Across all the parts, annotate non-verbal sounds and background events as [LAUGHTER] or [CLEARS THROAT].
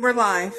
We're live.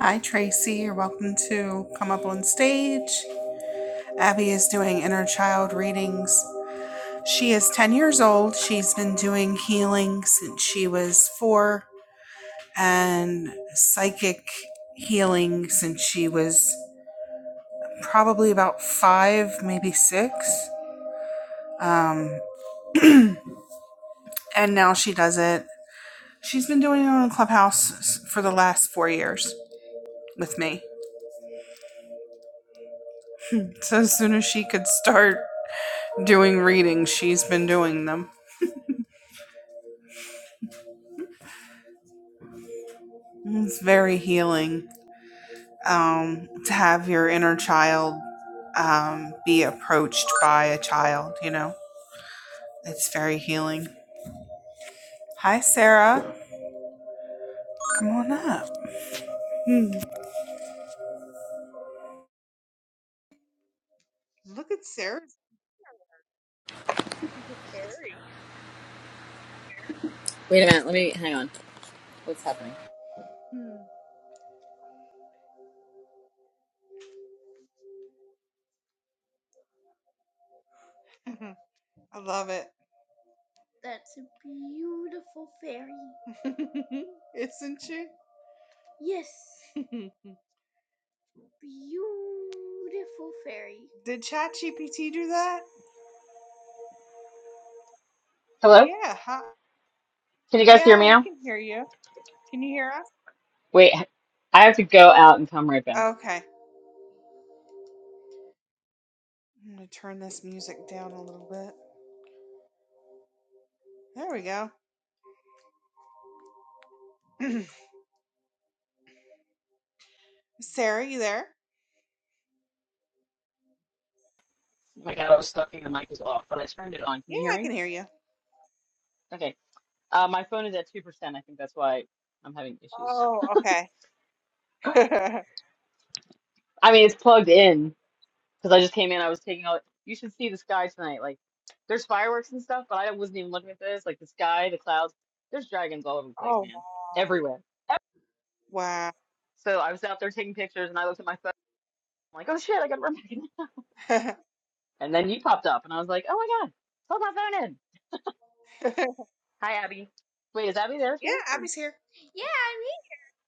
Hi, Tracy. You're welcome to come up on stage. Abby is doing inner child readings. She is 10 years old. She's been doing healing since she was four and psychic healing since she was probably about five, maybe six. Um, and now she does it. She's been doing it on Clubhouse for the last four years with me. So as soon as she could start doing readings. She's been doing them. It's very healing um, to have your inner child um, be approached by a child, you know? It's very healing. Hi, Sarah. Come on up. Hmm. Look at Sarah. Wait a minute. Let me hang on. What's happening? I love it. That's a beautiful fairy. Isn't she? Yes, [LAUGHS] beautiful fairy. Did ChatGPT do that? Hello? Yeah. Huh? Can you guys hear Yeah, me we now? can hear you. Can you hear us? Wait, I have to go out and come right back. Okay. I'm gonna turn this music down a little bit. There we go. [CLEARS THROAT] Sarah, you there? Oh my God, I was talking. The mic was off, but I turned it on. Can Yeah, you hear I me? can hear you. Okay. Uh, my phone is at 2%. I think that's why I'm having issues. Oh, okay. I [LAUGHS] mean, it's plugged in because I just came in. I was taking all. You should see the sky tonight. Like, there's fireworks and stuff, but I wasn't even looking at this. Like, the sky, the clouds, there's dragons all over the place, oh, man. wow. [LAUGHS] Everywhere. Wow. So I was out there taking pictures and I looked at my phone. I'm like, oh shit, I gotta run back. yeah, And then you popped up, and I was like, oh my God, hold my phone in. Hi, Abby. Wait, is Abby there too? Or Abby's here. Yeah, I'm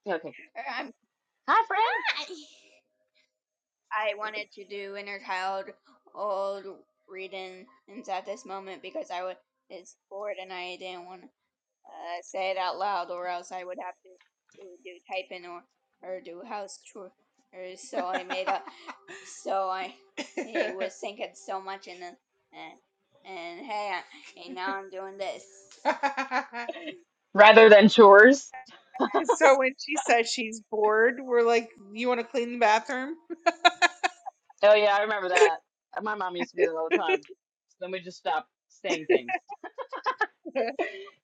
yeah, okay. here. I'm Hi, friend. not. I wanted to do inner child old reading and at this moment because I was bored and I didn't want uh, say it out loud, or else I would have to do do typing or or do house chore. so I made up. [LAUGHS] So I it was [LAUGHS] thinking so much, in the and, and hey, I, and now I'm doing this. [LAUGHS] Rather than chores. so when she says she's bored, we're like, "You want to clean the bathroom?" Oh yeah, I remember that. My mom used to do that all the time. So then we just stopped saying things. [LAUGHS] so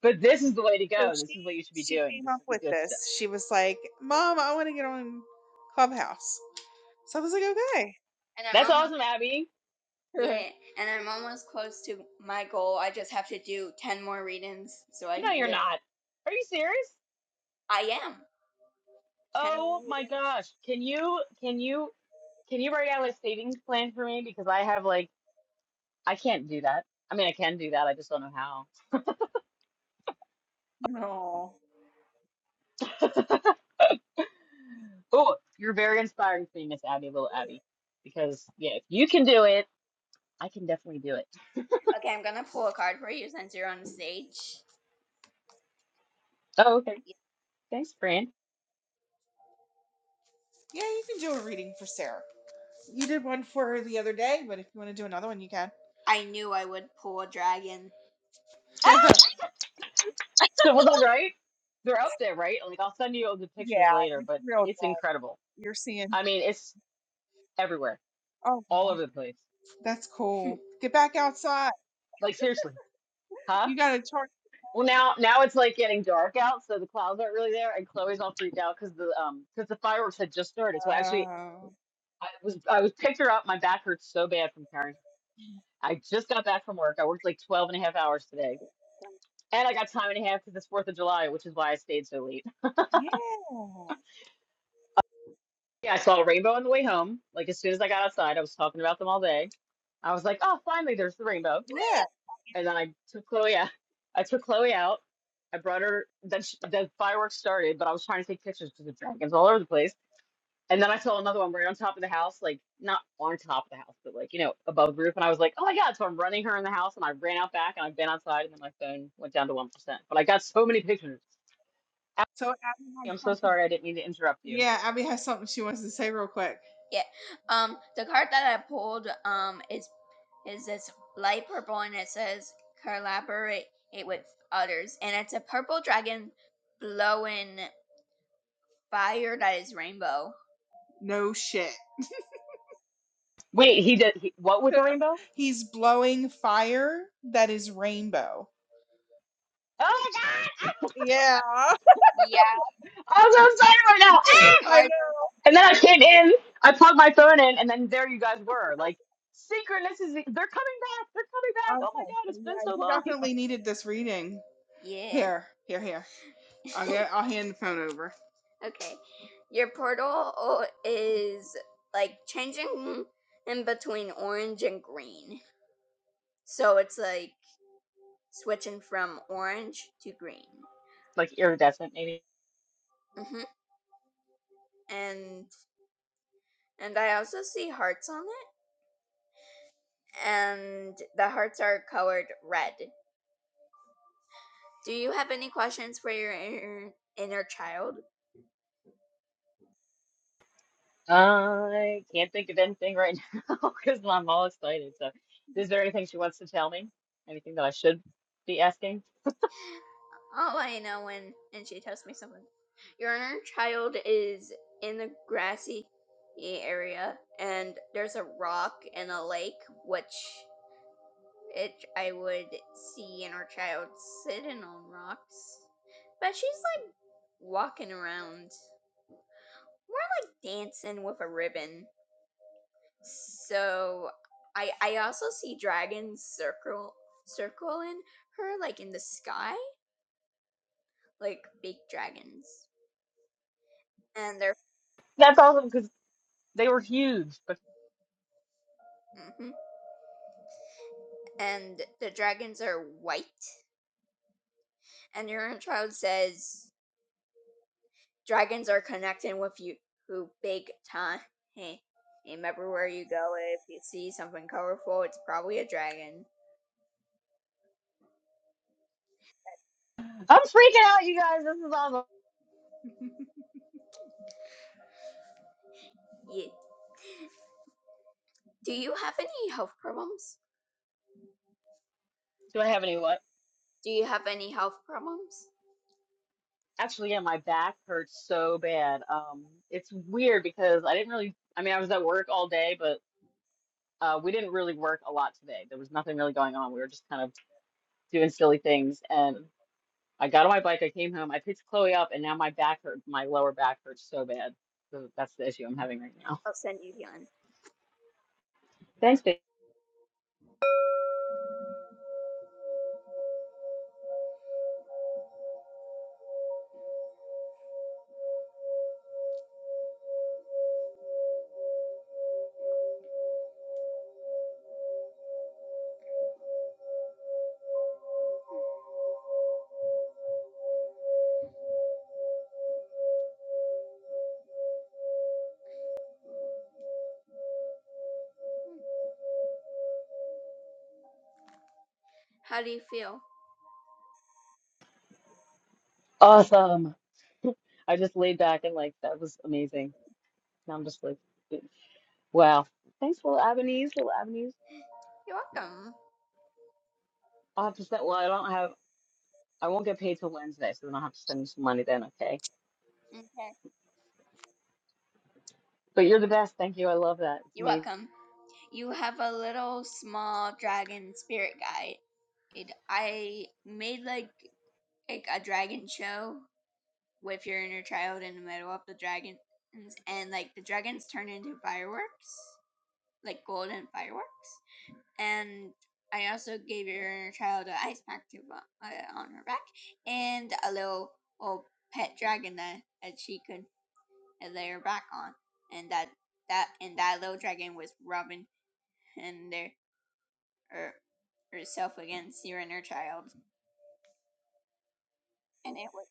But this is the way to go. This she is what you should be she doing. came This up is the with good this. stuff. She was like, "Mom, I want to get on Clubhouse." So I was like, "Okay." And I'm That's almost. awesome, Abby. Yeah, and I'm almost close to my goal. I just have to do 10 more readings so I No, can you're get not. Are you serious? I am. 10 more Oh readings. my gosh. Can you can you can you write out a savings plan for me? Because I have like I can't do that. I mean I can do that, I just don't know how. No. [LAUGHS] Oh, you're very inspiring to me, Miss Abby, little Abby. Because yeah, if you can do it, I can definitely do it. Okay, I'm gonna pull a card for you since you're on stage. Oh, okay. Thanks, Fran. Yeah, you can do a reading for Sarah. You did one for her the other day, but if you want to do another one, you can. I knew I would pull a dragon. [LAUGHS] Ah! So was I right? They're up there, right? Like I'll send you all the Yeah, pictures later, it's but real. it's Dry. incredible. You're seeing. I mean, it's everywhere, Oh all wow, over the place. that's cool. [LAUGHS] Get back outside. Like seriously, huh? You got a torch. Well, now now it's like getting dark out, so the clouds aren't really there, and Chloe's all freaked out because the um because the fireworks had just started. So actually, Oh, I was I was picked her up. My back hurts so bad from carrying. I just got back from work. I worked like 12 and a half hours today. And I got time and a half because it's 4th of July, which is why I stayed so late. yeah, Yeah, I saw a rainbow on the way home. Like, as soon as I got outside, I was talking about them all day. I was like, oh, finally, there's the rainbow. yeah. And then I took Chloe out. I took Chloe out. I brought her. Then sh the fireworks started, but I was trying to take pictures because the dragons all over the place. And then I saw another one right on top of the house, like not on top of the house, but like, you know, above the roof. And I was like, oh my God. So I'm running her in the house and I ran out back and I've been outside and then my phone went down to 1%. But I got so many pictures. So it added Ashley, like I'm so something sorry. I didn't mean to interrupt you. Yeah, Abby has something she wants to say real quick. Yeah. Um, the card that I pulled um is is this light purple and it says collaborate with others and it's a purple dragon blowing fire that is rainbow. No shit. Wait, he did. He, what [LAUGHS] with the rainbow? He's blowing fire that is rainbow. Oh my God. Yeah. [LAUGHS] Yeah, I'm so excited right now. Ah! the card. I And then I came in, I plugged my phone in, and then there you guys were. Like, synchronicity. They're coming back. They're coming know. back. Oh my Okay. God. so It's been Yeah, so you long. [LAUGHS] definitely needed this reading. Yeah. Here, here, here. I'll, get, I'll hand the phone over. Okay. Your portal is like changing in between orange and green. So it's like switching from orange to green. Like, iridescent, maybe. hmm And and I also see hearts on it and the hearts are colored red. Do you have any questions for your inner, inner child? I can't think of anything right [LAUGHS] now because I'm all excited. So, is there anything she wants to tell me? Anything that I should be asking? Oh, I know when and she tells me something. Your inner child is in the grassy area and there's a rock and a lake which it I would see inner child sitting on rocks. But she's like walking around. more like dancing with a ribbon. So I I also see dragons circle circling her like in the sky. Like big dragons. and they're That's awesome because they were huge. But hmm and the dragons are white. And your inner child says dragons are connecting with you who big time. Hey, remember where you go if you see something colorful, it's probably a dragon. I'm freaking out, you guys. This is awesome. Yeah. Do you have any health problems? Do I have any what? Do you have any health problems? Actually, yeah, my back hurts so bad. Um, it's weird because I didn't really. I mean, I was at work all day, but uh, we didn't really work a lot today. There was nothing really going on. We were just kind of doing silly things, and. I got on my bike, I came home, I picked Chloe up, and now my back hurt, my lower back hurts so bad. So that's the issue I'm having right now. I'll send you healing. Thanks, babe. How do you feel? Awesome. I just laid back and like that was amazing. Now I'm just like, eh, wow. Thanks, little Avenues, little Avenues. You're welcome. I'll have to send. Well, I don't have. I won't get paid till Wednesday, so then I'll have to send you some money then. Okay. Okay. But you're the best. Thank you. I love that. It's You're amazing. welcome. You have a little small dragon spirit guide. It, I made like like a dragon show with your inner child in the middle of the dragons, and like the dragons turn into fireworks, like golden fireworks. And I also gave your inner child an ice pack to uh, on her back, and a little old pet dragon that, that she could lay her back on, and that that and that little dragon was rubbing and their or herself against your inner child, and it was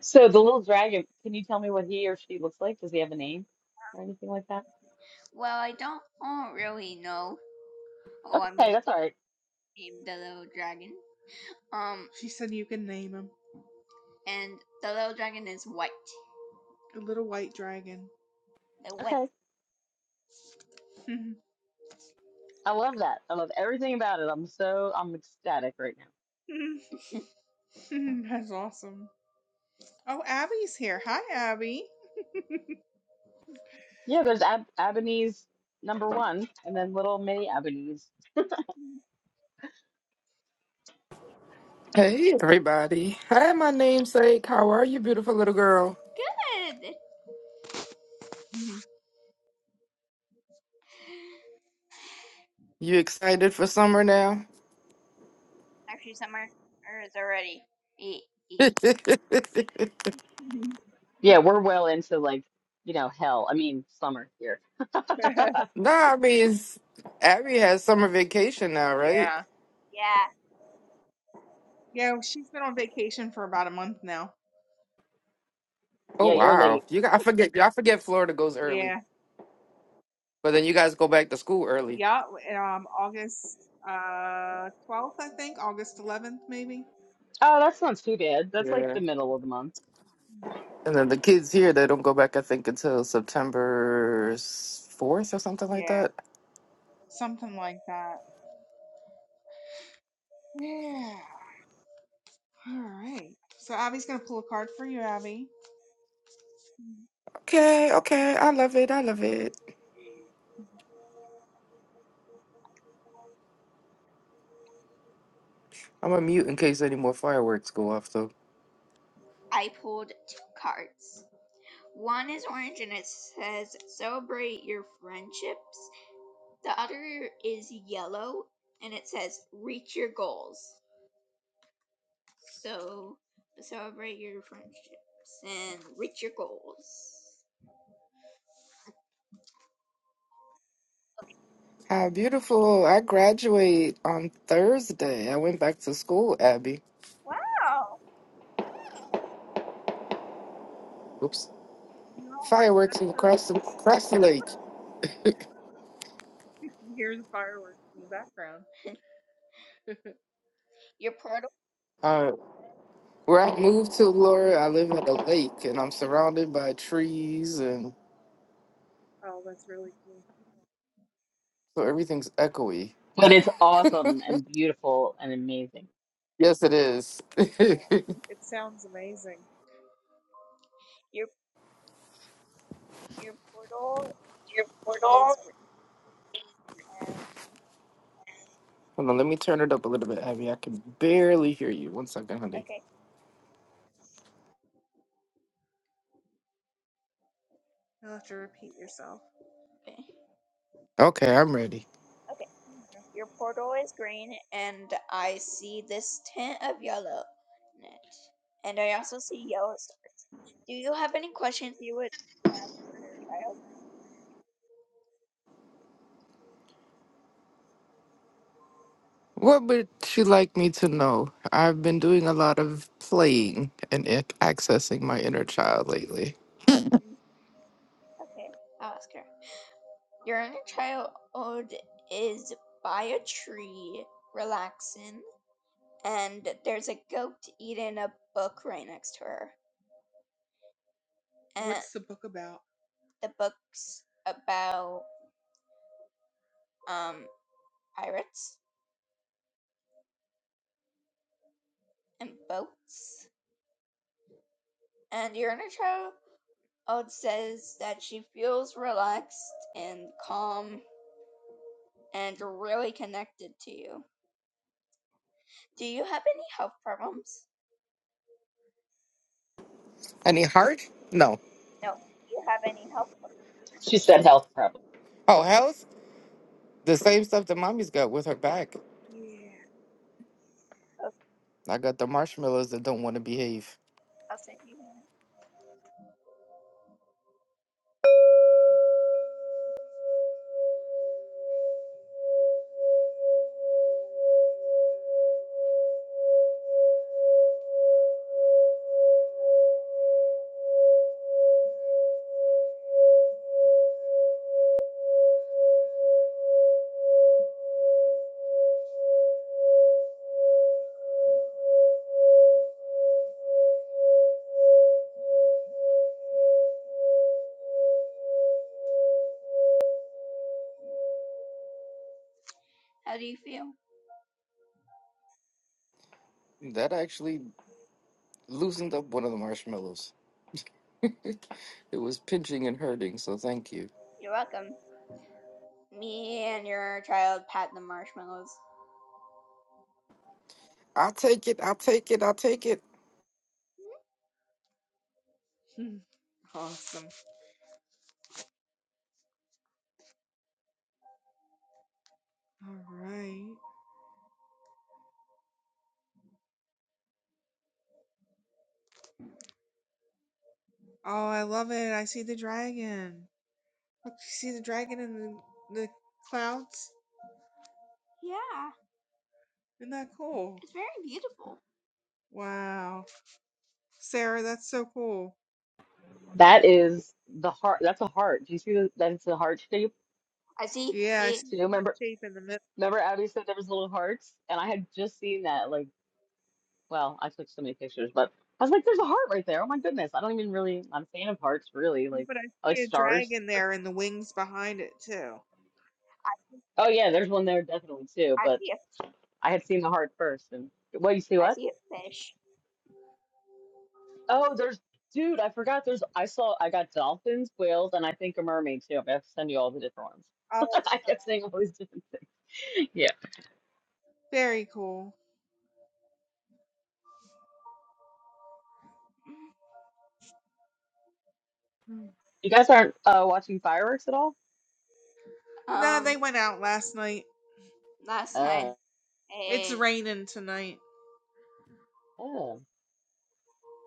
So the little dragon. Can you tell me what he or she looks like? Does he have a name or anything like that? well, I don't, I don't really know Oh, I mean, Okay, that's all right. named the little dragon. Um, She said you can name him. and the little dragon is white. The little white dragon. The white. Okay. I love that. I love everything about it. I'm so I'm ecstatic right now. [LAUGHS] That's awesome. Oh, Abby's here. Hi, Abby. Yeah, there's Ab Ebony's number one, and then little mini Ebony's. Hey everybody. Hi my namesake. How are you, beautiful little girl? Good. [LAUGHS] You excited for summer now? Actually, summer is already. E [LAUGHS] e. Yeah, we're well into like you know hell. I mean summer here. [LAUGHS] [LAUGHS] No, I mean it's, Abby has summer vacation now, right? Yeah. Yeah. Yeah, well, she's been on vacation for about a month now. Oh Yeah, you're wow. late. You got, I forget I forget Florida goes early. Yeah. But then you guys go back to school early. Yeah. Um, August uh twelfth, I think. August eleventh, maybe. Oh, that's not too bad. That's like Yeah. the middle of the month, And then the kids here they don't go back I think until September fourth or something like Yeah. that. Something like that. Yeah. All right. So Abby's gonna pull a card for you, Abby. Okay, okay. I love it. I love it. I'm gonna mute in case any more fireworks go off I pulled two cards. One is orange and it says celebrate your friendships. The other is yellow and it says reach your goals. So celebrate your friendships and reach your goals. How beautiful. I graduate on Thursday. I went back to school, Abby. Wow. All Oops. right. Fireworks That's really across the, across the lake. cool. Here's fireworks in the background. Your portal Uh, where I moved to, Laura, I live at a lake and I'm surrounded by trees and Oh, that's really cool. so everything's echoey. [LAUGHS] but it's awesome and beautiful and amazing. Yes, it is. [LAUGHS] Hold Your It sounds amazing. your your portal is portal. green. Um, on, let me turn it up a little bit, Abby. I can barely hear you. One second, honey. okay, You'll have to repeat yourself. okay, Okay, I'm ready. okay. Your portal is green, and I see this tint of yellow in it. And I also see yellow stars. Do you have any questions you would ask for your What would you like me to know? I've been doing a lot of playing and ac- accessing my inner child lately. child? Okay, I'll ask her. Your inner child is by a tree, relaxing, and there's a goat eating a book right next to her. And What's the book about? the book's about um pirates and boats. And your inner child says that she feels relaxed and calm and really connected to you. Do you have any health problems? Any heart? No. No. Do you have any health She said health prep. Oh, health? The same stuff that mommy's got with her back. problems? Yeah. I got the marshmallows that don't want to behave. I'll send you. one. How do you feel? That actually loosened up one of the marshmallows. [LAUGHS] it was pinching and hurting, so thank you. You're welcome. Me and your child pat the marshmallows. I'll take it, I'll take it, I'll take [LAUGHS] awesome. All right. Oh, I love it. I see the dragon. Look, you see the dragon in the, the clouds? Yeah, Isn't that cool? it's very beautiful. Wow. Sarah, that's so cool. That is the heart. That's a heart. Do you see the, that? It's a heart shape. I see. Yeah, it, I see So the you heart remember? shape in the middle, Remember Abby said there was little hearts, and I had just seen that like. Well, I took so many pictures, but I was like, there's a heart right there. Oh my goodness. I don't even really, I'm a fan of hearts, really. Like, but I I like see a stars. dragon there and the wings behind it too. I Oh, yeah, there's one there definitely too, I but see a, I had seen the heart first. And what, you see I what? see a fish. Oh, there's, dude, I forgot. There's, I saw, I got dolphins, whales, and I think a mermaid too. i have to send you all the different Oh, wow. ones. [LAUGHS] I kept saying all these different. Yeah. very cool. You guys aren't uh, watching fireworks at all? no, Um, they went out last night. last Uh, night. Hey. It's eh, raining tonight. oh,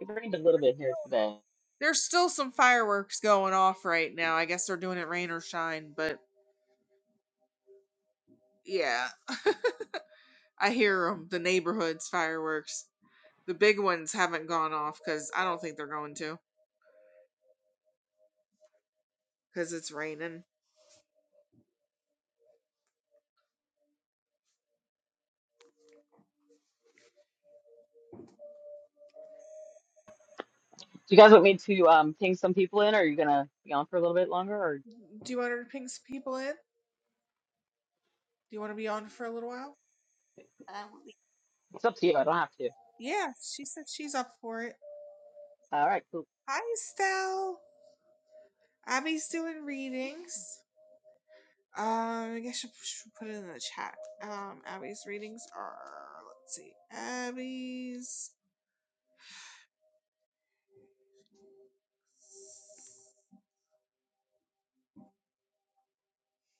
it rained a little bit here today. There's still some fireworks going off right now. I guess they're doing it rain or shine, but yeah, [LAUGHS] I hear them. The neighborhood's fireworks. The big ones haven't gone off because I don't think they're going to because it's raining. Do you guys want me to um ping some people in, or are you gonna be on for a little bit longer, or? Do you want her to ping some people in? Do you want to be on for a little while? uh, It's up to you. I don't have to. Yeah, she said she's up for it. All right, cool. Hi, Estelle. Abby's doing readings. Um, I guess you should put it in the chat. Um, Abby's readings are let's see, Abby's.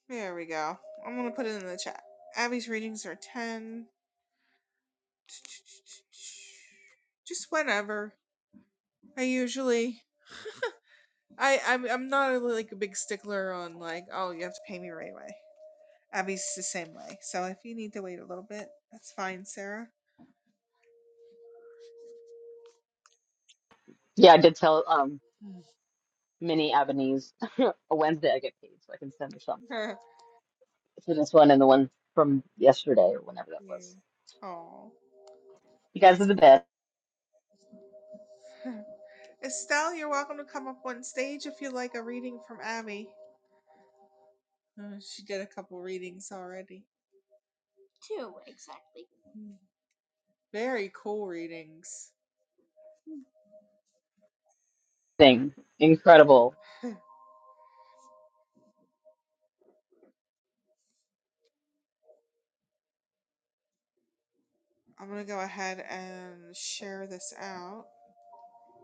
There we go. I'm gonna put it in the chat. Abby's readings are ten. Just whenever. I usually, I I'm I'm not a, like a big stickler on like oh you have to pay me right away. Abby's the same way. So if you need to wait a little bit, that's fine, Sarah. Yeah, I did tell um [LAUGHS] Minnie Avenese [LAUGHS] a Wednesday I get paid, so I can send her some yeah. for this one and the one from yesterday or whenever that was. Oh. You guys that's. are the best [LAUGHS] Estelle, you're welcome to come up on stage if you like a reading from Abby. Uh, she did a couple readings already. Two, exactly. Very cool readings. thing. Incredible. [LAUGHS] I'm going to go ahead and share this out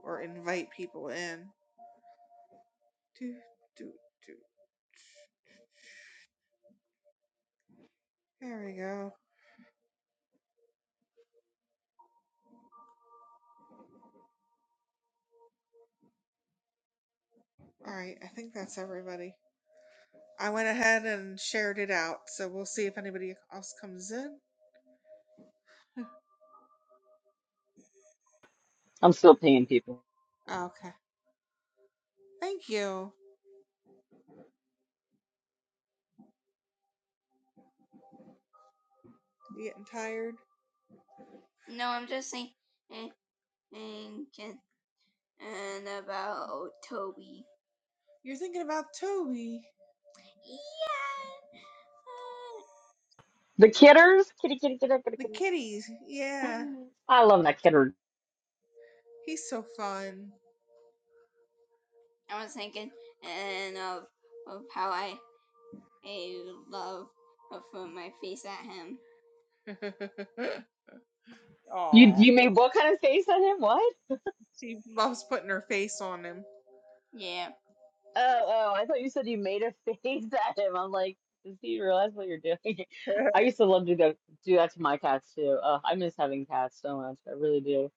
or invite people in. Do, do, do. There we go. All right, I think that's everybody. I went ahead and shared it out, so we'll see if anybody else comes in. I'm still paying people. Okay. Thank you. You getting tired? No, I'm just saying. eh, and Ken and about Toby. You're thinking about Toby, Yeah. uh, The kidders? the kitties. Yeah, I love that kidder. he's so fun. I was thinking and of of how I I love of uh, my face at him. [LAUGHS] You Oh, you made what kind of face at him? What? she loves putting her face on him. Yeah. Oh oh, I thought you said you made a face [LAUGHS] at him. I'm like, does he realize what you're doing? [LAUGHS] [LAUGHS] I used to love to do that do that to my cats too. Uh, I miss having cats so much. I really do.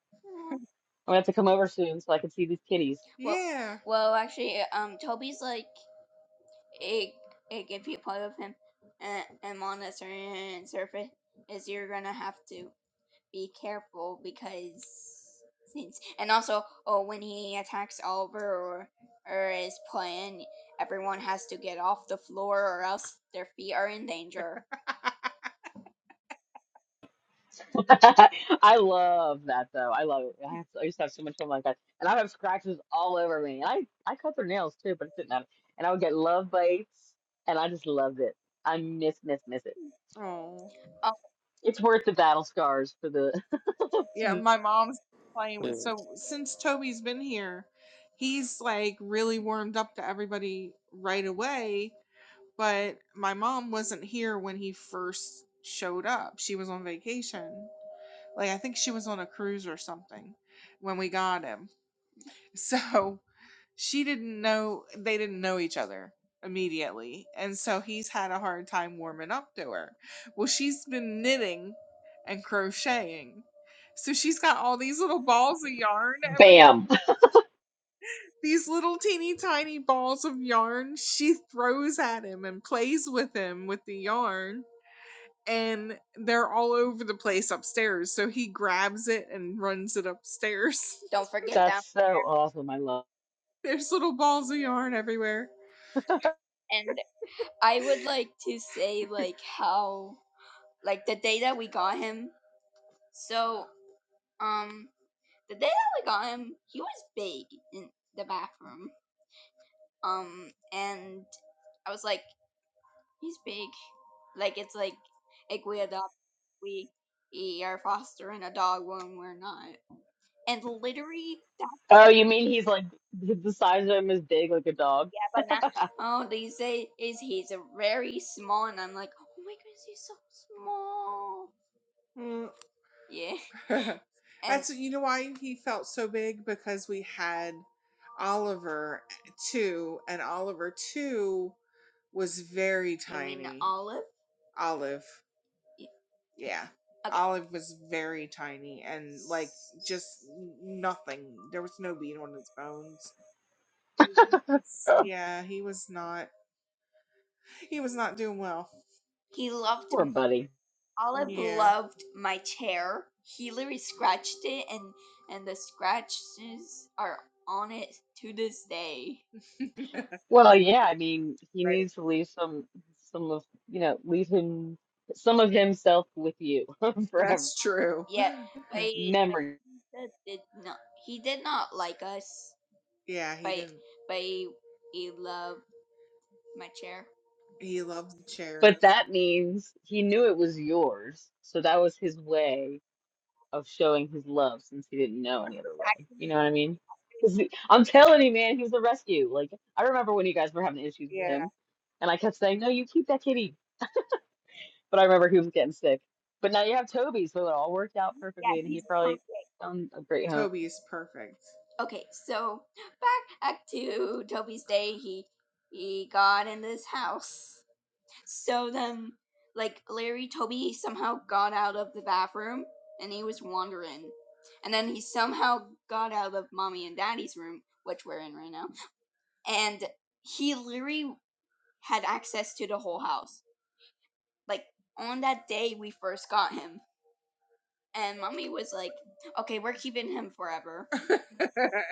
I'm gonna have to come over soon so I can see these kitties. Well, yeah. well, actually, um, Toby's like it it if you play with him and, and on a certain surface is you're gonna have to be careful because since and also oh when he attacks Oliver or or is playing everyone has to get off the floor or else their feet are in danger. [LAUGHS] [LAUGHS] I love that though. I love it. I, have, I used to have so much fun like that, and I would have scratches all over me. And I I cut their nails too, but it didn't matter. And I would get love bites, and I just loved it. I miss miss miss it. Oh. Um, It's worth the battle scars for the. Yeah, my mom's playing with it. so since Toby's been here, he's like really warmed up to everybody right away But my mom wasn't here when he first showed up. She was on vacation. Like I think she was on a cruise or something when we got him. [LAUGHS] So she didn't know they didn't know each other immediately and so he's had a hard time warming up to her well she's been knitting and crocheting so she's got all these little balls of yarn [LAUGHS] everywhere. Bam. These little teeny tiny balls of yarn she throws at him and plays with him with the yarn. And they're all over the place upstairs. So he grabs it and runs it upstairs. Don't forget That's that. so awesome. I love. [LAUGHS] There's little balls of yarn everywhere. And I would like to say like how like the day that we got him. So um the day that we got him, he was big in the bathroom. Um and I was like, He's big. Like it's like like we adopt we we are fostering a dog when we're not. And literally that Oh, you mean he's like the size of him is big like a dog? but now oh they say is he's a very small and I'm like, Oh my goodness, he's so small. Mm. Yeah. [LAUGHS] And That's you know why he felt so big because we had Oliver too, and Oliver too was very you mean tiny. Olive? Olive. Yeah. Okay. Olive was very tiny and like just nothing. There was no beat on his bones. Yeah, he was not he was not doing well. He loved Poor buddy. Olive Yeah. loved my chair. He literally scratched it and and the scratches are on it to this day. [LAUGHS] Well, yeah, I mean, he Right needs to leave some some of, you know, leave him some of himself with you [LAUGHS] forever, That's true. Yeah, [SIGHS] but [LAUGHS] but memory. Jesus did not. He did not like us, Yeah, he but didn't. but he, he loved my chair. He loved the chair, and But that's that means he knew it was yours, so that was his way of showing his love since he didn't know any other way. You know what I mean? 'Cause he- I'm telling you, man, he was a rescue. Like I remember when you guys were having issues with him, and I kept saying, "No, you keep that kitty." But I remember he was getting sick. But now you have Toby, so it all worked out Yeah, perfectly, and he he's probably perfect. found a great home. Toby is perfect. Okay, so back back to Toby's day. He he got in this house. So then, like Larry Toby somehow got out of the bathroom and he was wandering, and then he somehow got out of mommy and daddy's room, which we're in right now, and he literally had access to the whole house. Like on that day we first got him, and mommy was like, "Okay, we're keeping him forever." [LAUGHS]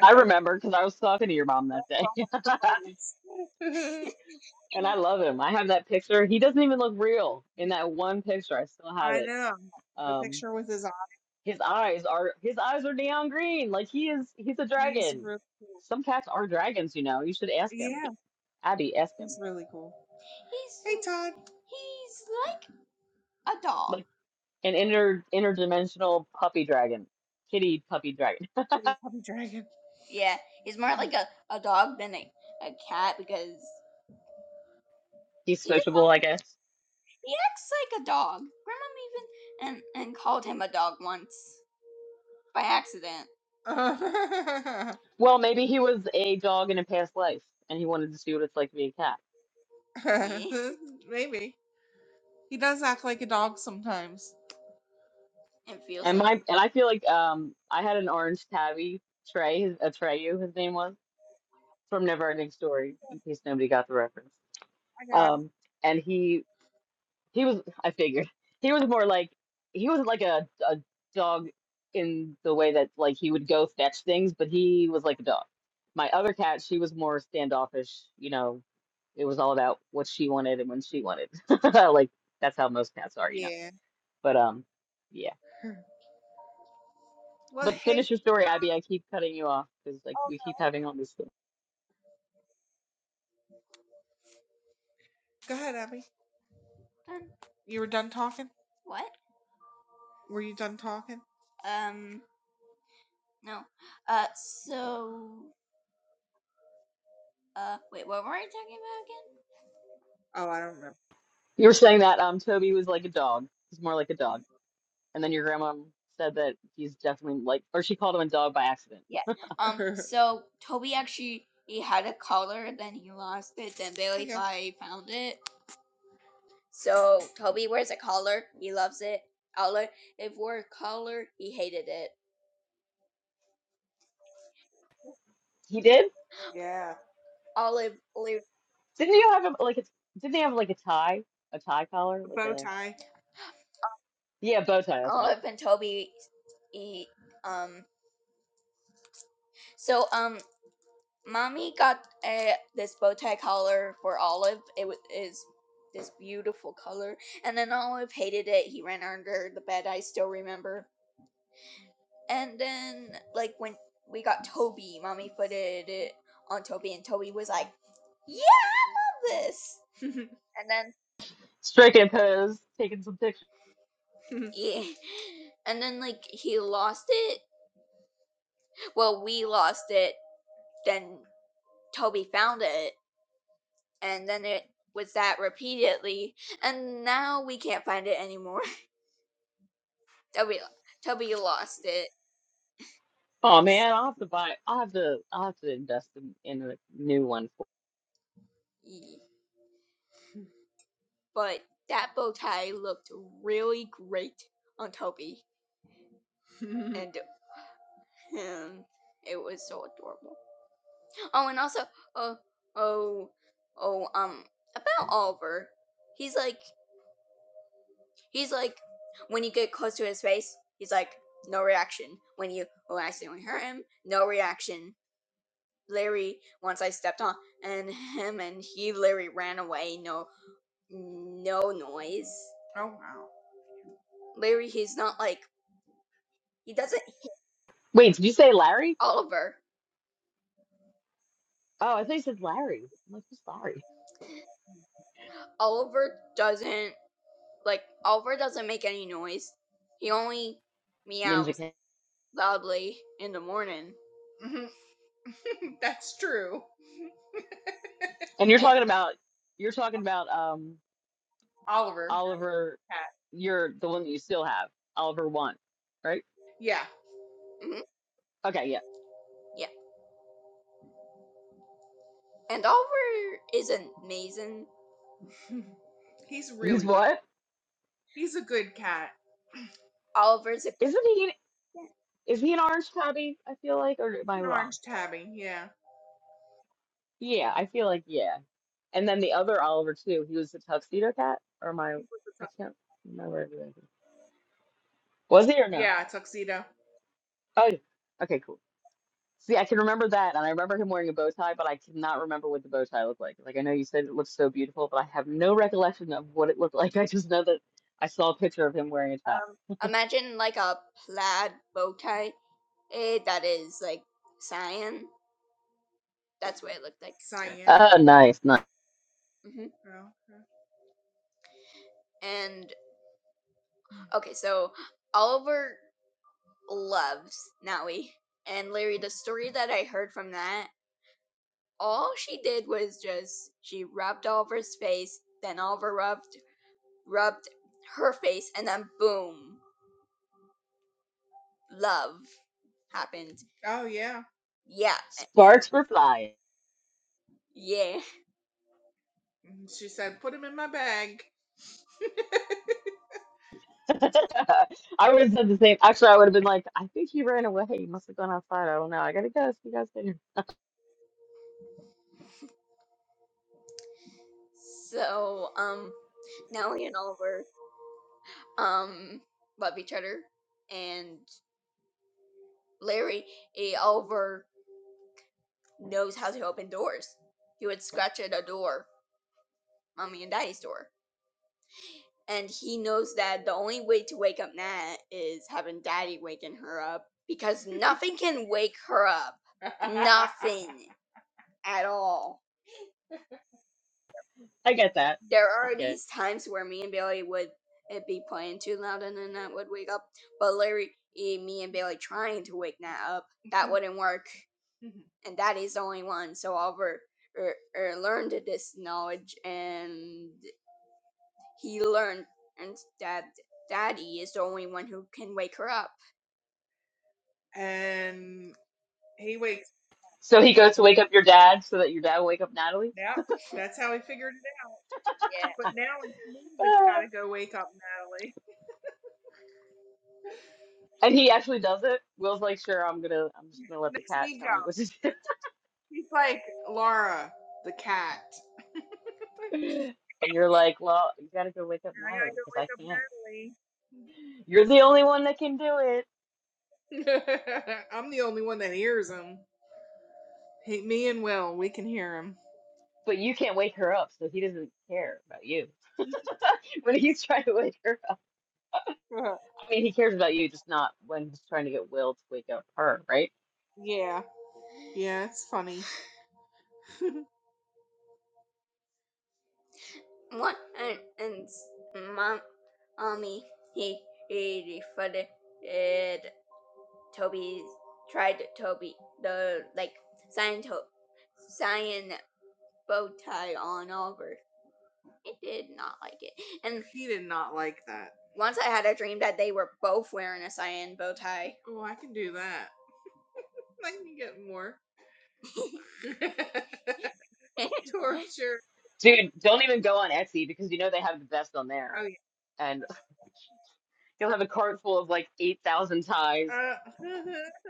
I remember because I was talking to your mom that day. [LAUGHS] [LAUGHS] And I love him. I have that picture. He doesn't even look real in that one picture. I still have I it. know. The Um, picture with his eyes. his eyes are his eyes are neon green. Like he is he's a He's dragon. really cool. Some cats are dragons, you know. You should ask him. Yeah, Abby, ask he's him. really cool. He's Hey, Todd. he's like a dog. Like an inter interdimensional puppy dragon. Kitty puppy dragon. Pretty puppy dragon. Yeah, he's more like a, a dog than a, a cat because [LAUGHS] He's he just switchable, I guess. he acts like a dog. Grandma even and and called him a dog once by accident. Uh, Well, maybe he was a dog in a past life and he wanted to see what it's like to be a cat. [LAUGHS] Maybe. He does act like a dog sometimes. It feels And like a my and I feel like um I had an orange tabby Trey his Atreyu his name was from Never Ending Story in case nobody got the reference. I got him. Um and he he was I figured he was more like he wasn't like a a dog in the way that like he would go fetch things, but he was like a dog. My other cat, she was more standoffish, you know. It was all about what she wanted and when she wanted. [LAUGHS] Like that's how most cats are, you know. Yeah. But um yeah. [LAUGHS] Well, But hey, finish your story, Abby. I keep cutting you off because like we keep having all this stuff. go ahead, Abby. Done. You were done talking? what? Were you done talking? Um, No. Uh, so, uh, wait, what were we talking about again? Oh, I don't remember. You were saying that um Toby was like a dog. He's more like a dog. And then your grandma said that he's definitely like, or she called him a dog by accident. Yeah. Um. [LAUGHS] So Toby actually he had a collar, then he lost it. Then Bailey okay. thought found it. So Toby wears a collar. He loves it. Olive if wore a collar. He hated it. He did? Yeah. Olive, Olive, Didn't you have a like? A, didn't he have like a tie, a tie collar, like bow a tie. yeah bow tie? That's what I. Olive, and Toby. He, um. So um. Mommy got uh, this bow tie collar for Olive. It wa- is this beautiful color. And then Olive hated it. He ran under the bed, I still remember. And then, like, when we got Toby, Mommy footed it on Toby, and Toby was like, Yeah, I love this. [LAUGHS] and Striking a pose, taking some pictures. then, [LAUGHS] yeah. And then, like, he lost it. Well, we lost it. Then Toby found it. and then it was that repeatedly, and now we can't find it anymore. [LAUGHS] Toby, Toby lost it. Oh So, man, I'll have to buy. I'll have to. I'll have to invest in, in a new one. Ye- But that bow tie looked really great on Toby, [LAUGHS] and um, it was so adorable. Oh, and also, oh, oh, oh, um, about Oliver, he's like, he's like, when you get close to his face, he's like, no reaction. When you, when I accidentally hurt him, no reaction Larry once I stepped on, and [LAUGHS] him and he Larry ran away. No, no noise. Oh wow. Larry, he's not like he doesn't hit Wait, did you say Larry? Oliver. Oh, I thought you said Larry. I'm like, who's Larry? Oliver doesn't like Oliver doesn't make any noise. He only Ninja meows King. loudly in the morning. Mhm. [LAUGHS] That's true. And you're And talking about you're talking about um Oliver. Oliver, Cat. you're the one that you still have, Oliver one, right? Yeah. mhm, Okay, yeah. yeah, and Oliver is amazing. [LAUGHS] He's He's really good. what? He's a good cat. Oliver's a Isn't he is he an orange tabby, I feel like, or am I An wrong? orange tabby, yeah. I Yeah, I feel like yeah. And then the other Oliver too, he was the tuxedo cat, or am I think it was a tu- I can't remember everything. Was he or no? yeah, a tuxedo. Oh yeah. okay, cool. See, I can remember that, and I remember him wearing a bow tie, but I cannot remember what the bow tie looked like. Like, I know you said it looked so beautiful, but I have no recollection of what it looked [LAUGHS] like. I just know that I saw a picture of him wearing a tie. imagine like a plaid bow tie eh, that is like cyan. That's what it looked like. Cyan. Oh, nice, nice. hmm Oh, okay. And okay, so Oliver loves Naui. And Larry, the story that I heard from that, all she did was just she rubbed Oliver's face, then Oliver rubbed rubbed her face, and then boom, love happened. Oh yeah. Yeah, and Sparks were flying. yeah. She said, "Put him in my bag." [LAUGHS] [LAUGHS] I would have said the same. Actually, I would have been like, I think he ran away. He must have gone outside. I don't know. I gotta go. See you guys later. So, um, Nellie and Oliver, um, love each other, and Larry, eh, Oliver knows how to open doors. He would scratch at a door, mommy and daddy's door, and he knows that the only way to wake up Nat is having daddy waking her up because [LAUGHS] nothing can wake her up. [LAUGHS] Nothing. at all. I get that. There I are get it. these times where me and Bailey would uh, be playing too loud and then that would wake up. But Larry, eh, me and Bailey trying to wake Nat up, that Mhm. wouldn't work. Mhm. And that is the only one. So Oliver er, er, learned this knowledge and he learned and that Daddy is the only one who can wake her up. And he wakes. So he goes to wake up your dad so that your dad will wake up Natalie. Yep, that's how he figured it out. [LAUGHS] Yeah. But now it's me that's got [LAUGHS] to go wake up Natalie. And he actually does it. Will's like, sure, I'm gonna, I'm just gonna let the Next cat week, tell me what to do. He's like Laura, the cat. And you're like, well, you gotta go wake up I Natalie because I can't. You're the only one that can do it, gotta go wake up Natalie. [LAUGHS] I'm the only one that hears him. He, me and Will, we can hear him. but you can't wake her up, so he doesn't care about you. [LAUGHS] When he's trying to wake her up, [LAUGHS] I mean, he cares about you, just not when he's trying to get Will to wake up her, right? yeah, yeah, it's funny. [LAUGHS] What and, and mom, mommy, he, he defended Toby, tried Toby, the like, sign, to, sign bow tie on over. I did not like it. And He did not like that. once I had a dream that they were both wearing a cyan bow tie. Oh, I can do that. I can get more [LAUGHS] torture. Dude, don't even go on Etsy because you know they have the best on there, Oh and [LAUGHS] you'll have a cart full of like 8,000 ties. yeah. Uh,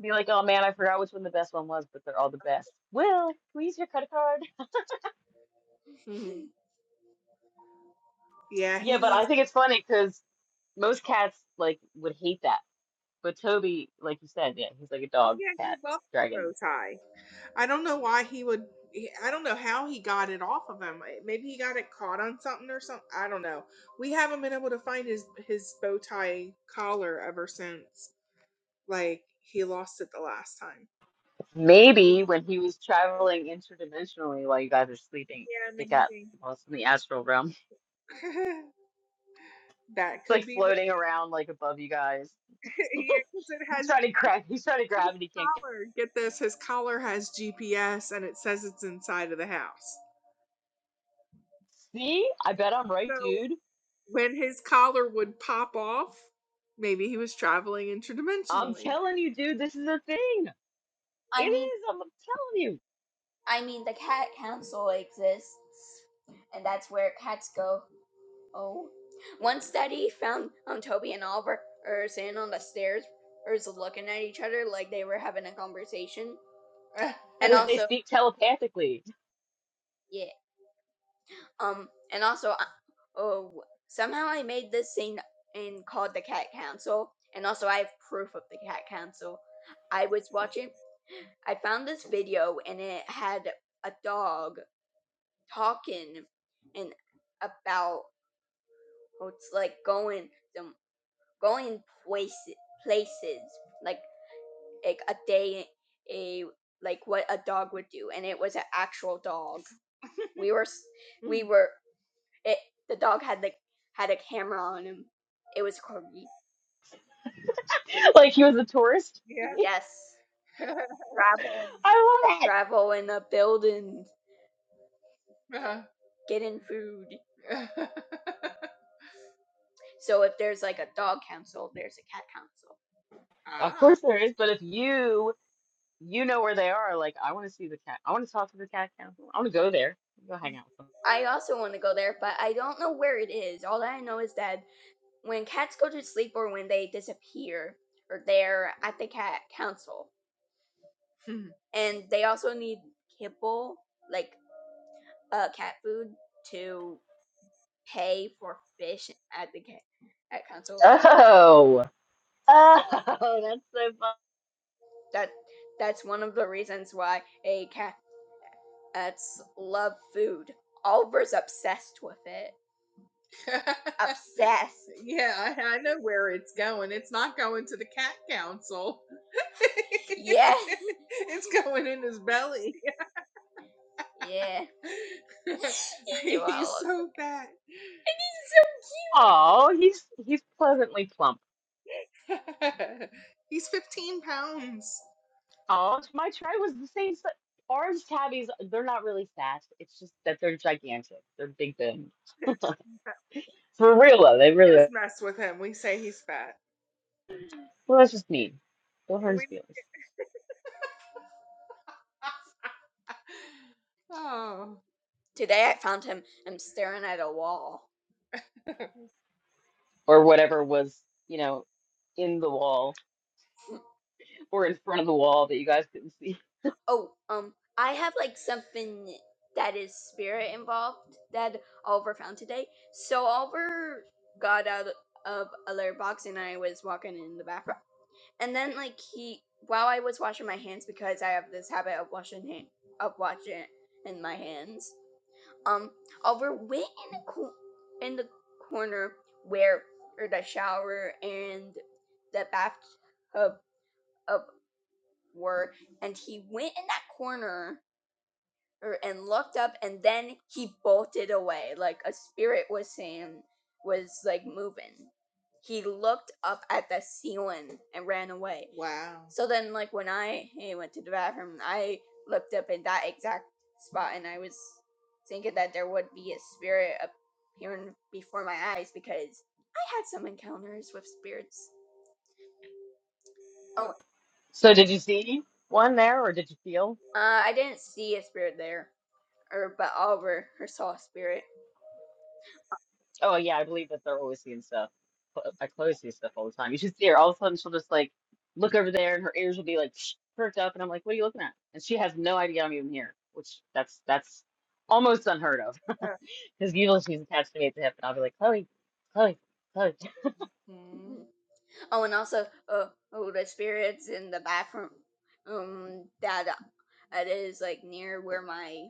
Be like, oh man, I forgot which one the best one was, but they're all the best. Will, can we use your credit card? [LAUGHS] yeah, he Yeah, but needs. I think it's funny because most cats like would hate that. But Toby, like you said, yeah, he's like a Oh, dog, yeah, he cat, loves the dragon. bow tie. I don't know why he would. I don't know how he got it off of him. Maybe he got it caught on something or something. I don't know. We haven't been able to find his his bow tie collar ever since. Like he lost it the last time. Maybe when he was traveling interdimensionally while you guys were sleeping, Yeah, it got maybe. lost in the astral realm. [LAUGHS] [LAUGHS] that It's could like be what. floating around like above you guys. [LAUGHS] [LAUGHS] yeah, because it He's has trying to grab, he's trying to his grab and he can't get. collar. Get this, his collar has GPS and it says it's inside of the house. See? I bet I'm right, So dude. when his collar would pop off, maybe he was traveling I'm interdimensionally. telling you, dude, this is a thing. It I mean, is, I'm telling you. I mean, the cat council exists, and that's where cats go. Oh, one study found um, Toby and Oliver are sitting on the stairs, or is looking at each other like they were having a conversation. [LAUGHS] and Because they also speak telepathically. [LAUGHS] yeah um and also I- oh somehow i made this scene and called the cat council and also i have proof of the cat council i was watching i found this video and it had a dog talking and about how it's like going some going places places like like a day a like what a dog would do and it was an actual dog we were s- we [LAUGHS] were It the dog had like had a camera on him. It was creepy. Like he was a tourist. [LAUGHS] Yeah. Yes. [LAUGHS] Travel and I love it. travel in a building, Uh-huh. getting food. [LAUGHS] So if there's like a dog council, there's a cat council. Of ah. course there is, but if you you know where they are, like I want to see the cat. I want to talk to the cat council. I want to go there. Go hang out with them. I also want to go there, but I don't know where it is. All I know is that when cats go to sleep or when they disappear, or they're at the cat council, Hmm. and they also need kibble, like uh, cat food to pay for fish at the ca- at council. Oh, Yeah, oh, [LAUGHS] that's so fun. that that's one of the reasons why a cat cats love food. Oliver's obsessed with it. [LAUGHS] Obsessed. yeah, I, I know where it's going. It's not going to the cat council. Yeah, [LAUGHS] it's going in his belly. yeah. [LAUGHS] He's so fat. Oh, he's he's pleasantly plump. [LAUGHS] He's 15 pounds. Oh, my tray was the same. si- Orange tabbies, they're not really fat. It's just that they're gigantic. They're big boned. [LAUGHS] [LAUGHS] For real though, they really Just are. mess with him. We say he's fat. Well, that's just mean. Don't hurt his We feelings. [LAUGHS] oh. Today I found him I'm staring at a wall. Or whatever was, you know, in the wall. or in front of the wall that you guys couldn't see. Oh, um, I have like something that is spirit involved that Oliver found today. So Oliver got out of a litter box and I was walking in the bathroom, and then like he while I was washing my hands because I have this habit of washing hand, of washing in my hands, Um, over way in the co- in the corner where the shower and the bathtub up were, and he went in that corner er, and looked up and then he bolted away like a spirit was saying was like moving he looked up at the ceiling and ran away Wow. so then like when i eh, went to the bathroom i looked up in that exact spot and i was thinking that there would be a spirit appearing before my eyes because i had some encounters with spirits oh So did you see one there, or did you feel? uh, i didn't see a spirit there or but oliver or saw a spirit Oh yeah, I believe that they're always seeing stuff. Cl- I close sees stuff all the time. You should see her. All of a sudden, she'll just like look over there, and her ears will be like [SNIFFS] perked up, and I'm like, "What are you looking at?" And she has no idea I'm even here, which that's that's almost unheard of. [LAUGHS] Huh. Because usually she's attached to me at the hip, and I'll be like, "Chloe, Chloe, Chloe." [LAUGHS] Mm-hmm. Oh, and also, uh, oh, the spirits in the bathroom, um, that uh, it is like near where my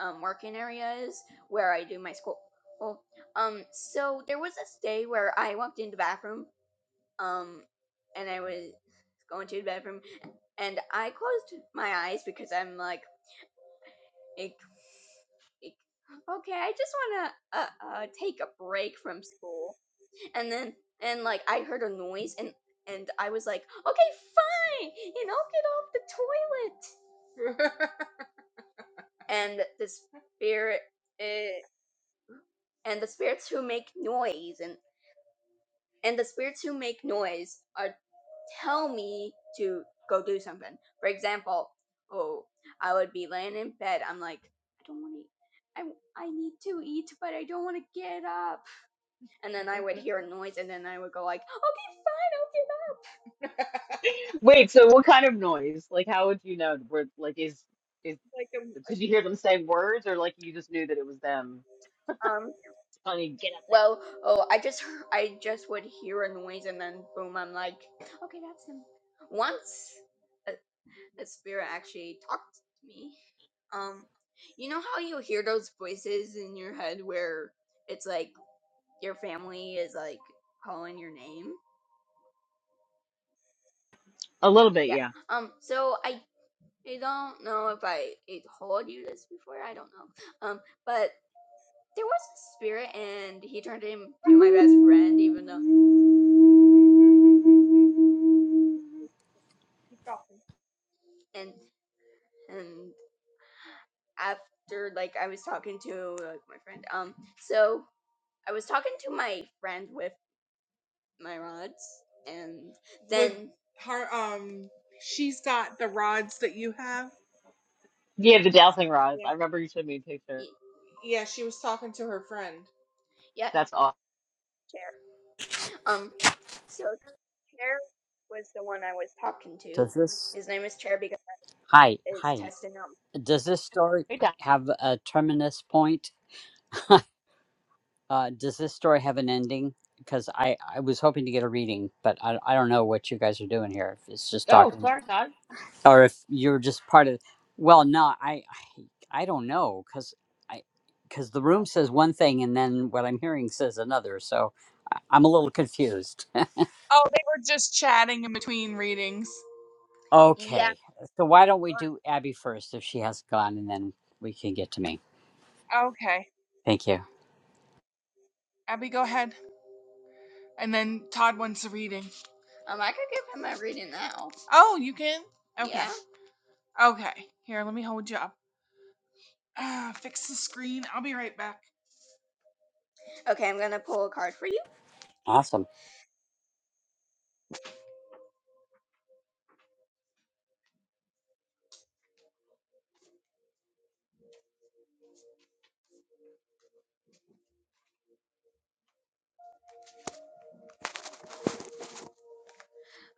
um working area is, where I do my school. Well, um, so there was this day where I walked into the bathroom, um, and I was going to the bathroom, and I closed my eyes because I'm like, ick, ick. okay, I just wanna uh, uh take a break from school and then and like I heard a noise and and I was like, okay, fine, and I'll get off the toilet. [LAUGHS] And the spirit eh, and the spirits who make noise and and the spirits who make noise are tell me to go do something. For example, oh, I would be laying in bed. I'm like, I don't want to. I, I need to eat, but I don't want to get up. And then I would hear a noise, and then I would go like, okay, fine, I'll get up. Wait, so what kind of noise? Like, how would you know? Where like is is Like a could you hear them say words, or like you just knew that it was them? Um. Honey, get up now. Well, oh, I just [LAUGHS] hear- I just would hear a noise and then boom, I'm like, okay, that's him. Once a, a spirit actually talked to me. Um, you know how you hear those voices in your head where it's like your family is like calling your name. A little bit, Yeah. yeah. Um. So I I don't know if I, I told you this before. I don't know. Um. But there was a spirit and he turned into my best friend, even though. He's broken. and. and after like I was talking to like, my friend, um, so I was talking to my friend with my rods, and With then with her, um, she's got the rods that you have. Yeah, the dowsing rods. Yeah. I remember you showed me a picture. Yeah, she was talking to her friend. yeah, That's awesome. chair. Um, so chair was the one I was talking to. Does this His name is Chair because hi it's hi testing out. does this story Hey, Todd. have a terminus point? [LAUGHS] Uh, does this story have an ending? Because I I was hoping to get a reading, but I I don't know what you guys are doing here. If it's just Oh, talking, sorry, Todd. or if you're just part of. Well, no, I I, I don't know because I because the room says one thing and then what I'm hearing says another, so I, I'm a little confused. Oh, they were just chatting in between readings. Yeah, Okay. So why don't we do Abby first if she has gone and then we can get to me. Okay. Thank you. Abby, go ahead. And then Todd wants a reading. Um, I could give him a reading now. Oh, you can? Okay. Yeah. Okay. Here, let me hold you up. Ah, fix the screen. I'll be right back. Okay, I'm gonna pull a card for you. Awesome.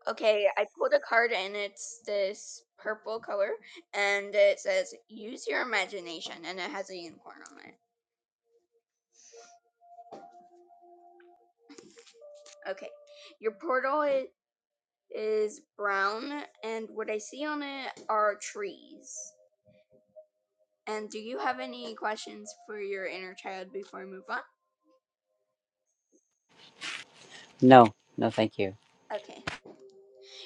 Okay, I pulled a card and it's this purple color and it says use your imagination and it has a unicorn on it. Okay, your portal i- is brown and what I see on it are trees. And do you have any questions for your inner child before I move on? No, no, thank you. Okay,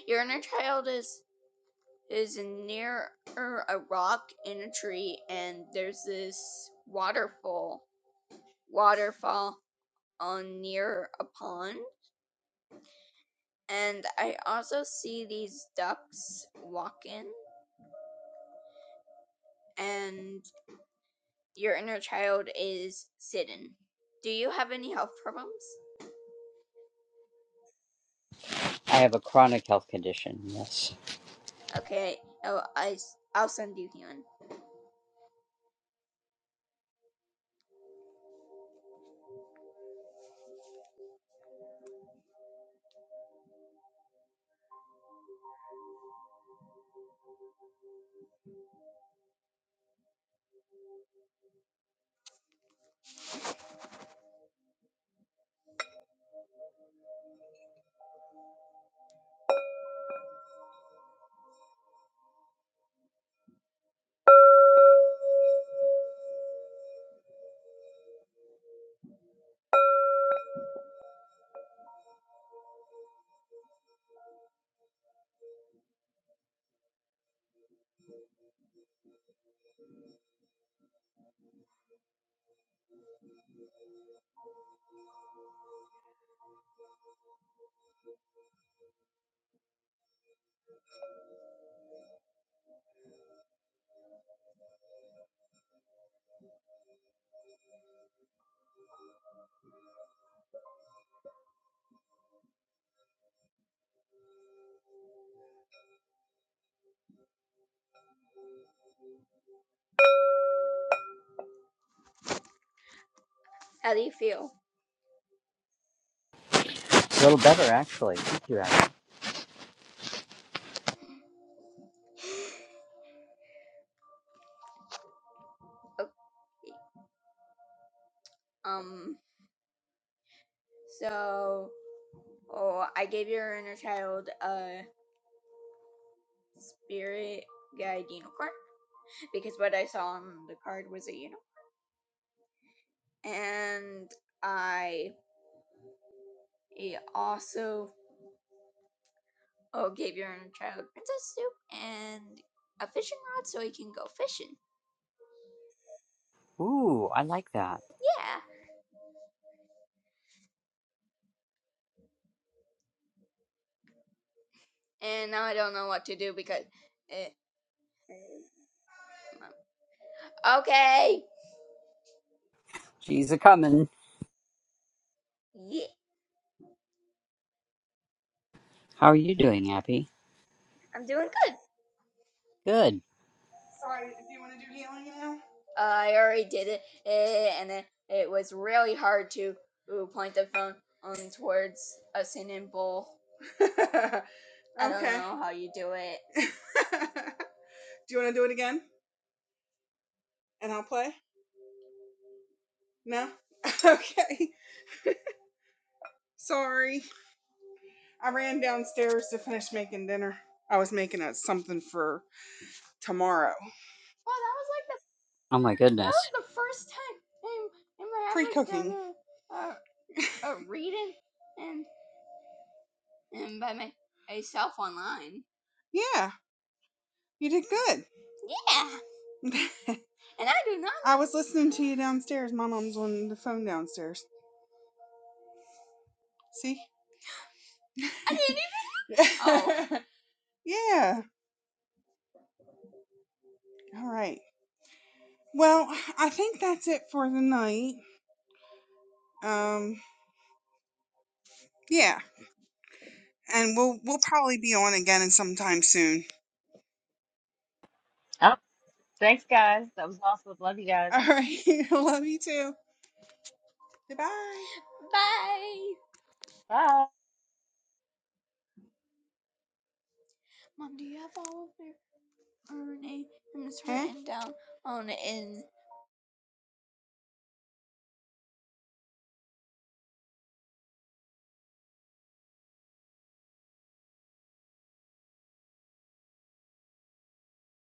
Your inner child is is near a rock in a tree, and there's this waterfall waterfall on near a pond. And I also see these ducks walking, and your inner child is sitting. Do you have any health problems? I have a chronic health condition. Yes. Okay, oh, I i s- I'll send you healing. How do you feel? A little better, actually. Thank you, Abby. Okay, um, so. Oh, I gave your inner child a spirit guide Dino card because what I saw on the card was a Uno. And I eh, also oh gave your inner child princess soup and a fishing rod so he can go fishing. Ooh, I like that. Yeah. And now I don't know what to do because it, okay. She's a coming. Yeah, How are you doing, Abby? I'm doing good. Good. Sorry, do you want to do healing now? Uh, I already did it, eh, and it, it was really hard to ooh, point the phone um, towards a singing bowl. [LAUGHS] I okay. don't Okay. know how you do it. [LAUGHS] do you want to do it again? And I'll play? No? [LAUGHS] okay. Sorry. I ran downstairs to finish making dinner. I was making a, something for tomorrow. Well, that was like the Oh my that goodness. was the first time in, in my pre cooking. uh, read it and and by my, myself online. Yeah, you did good. Yeah, [LAUGHS] and I do not. I was listening to you downstairs. My mom's on the phone downstairs. See? I didn't even. [LAUGHS] Oh. yeah. All right. Well, I think that's it for the night. Um, yeah. And we'll we'll probably be on again sometime soon. Oh, thanks, guys. That was awesome. Love you guys. All right. [LAUGHS] Love you too. Goodbye. Bye. Bye. Mom, do you have all of their Her name is written down on in.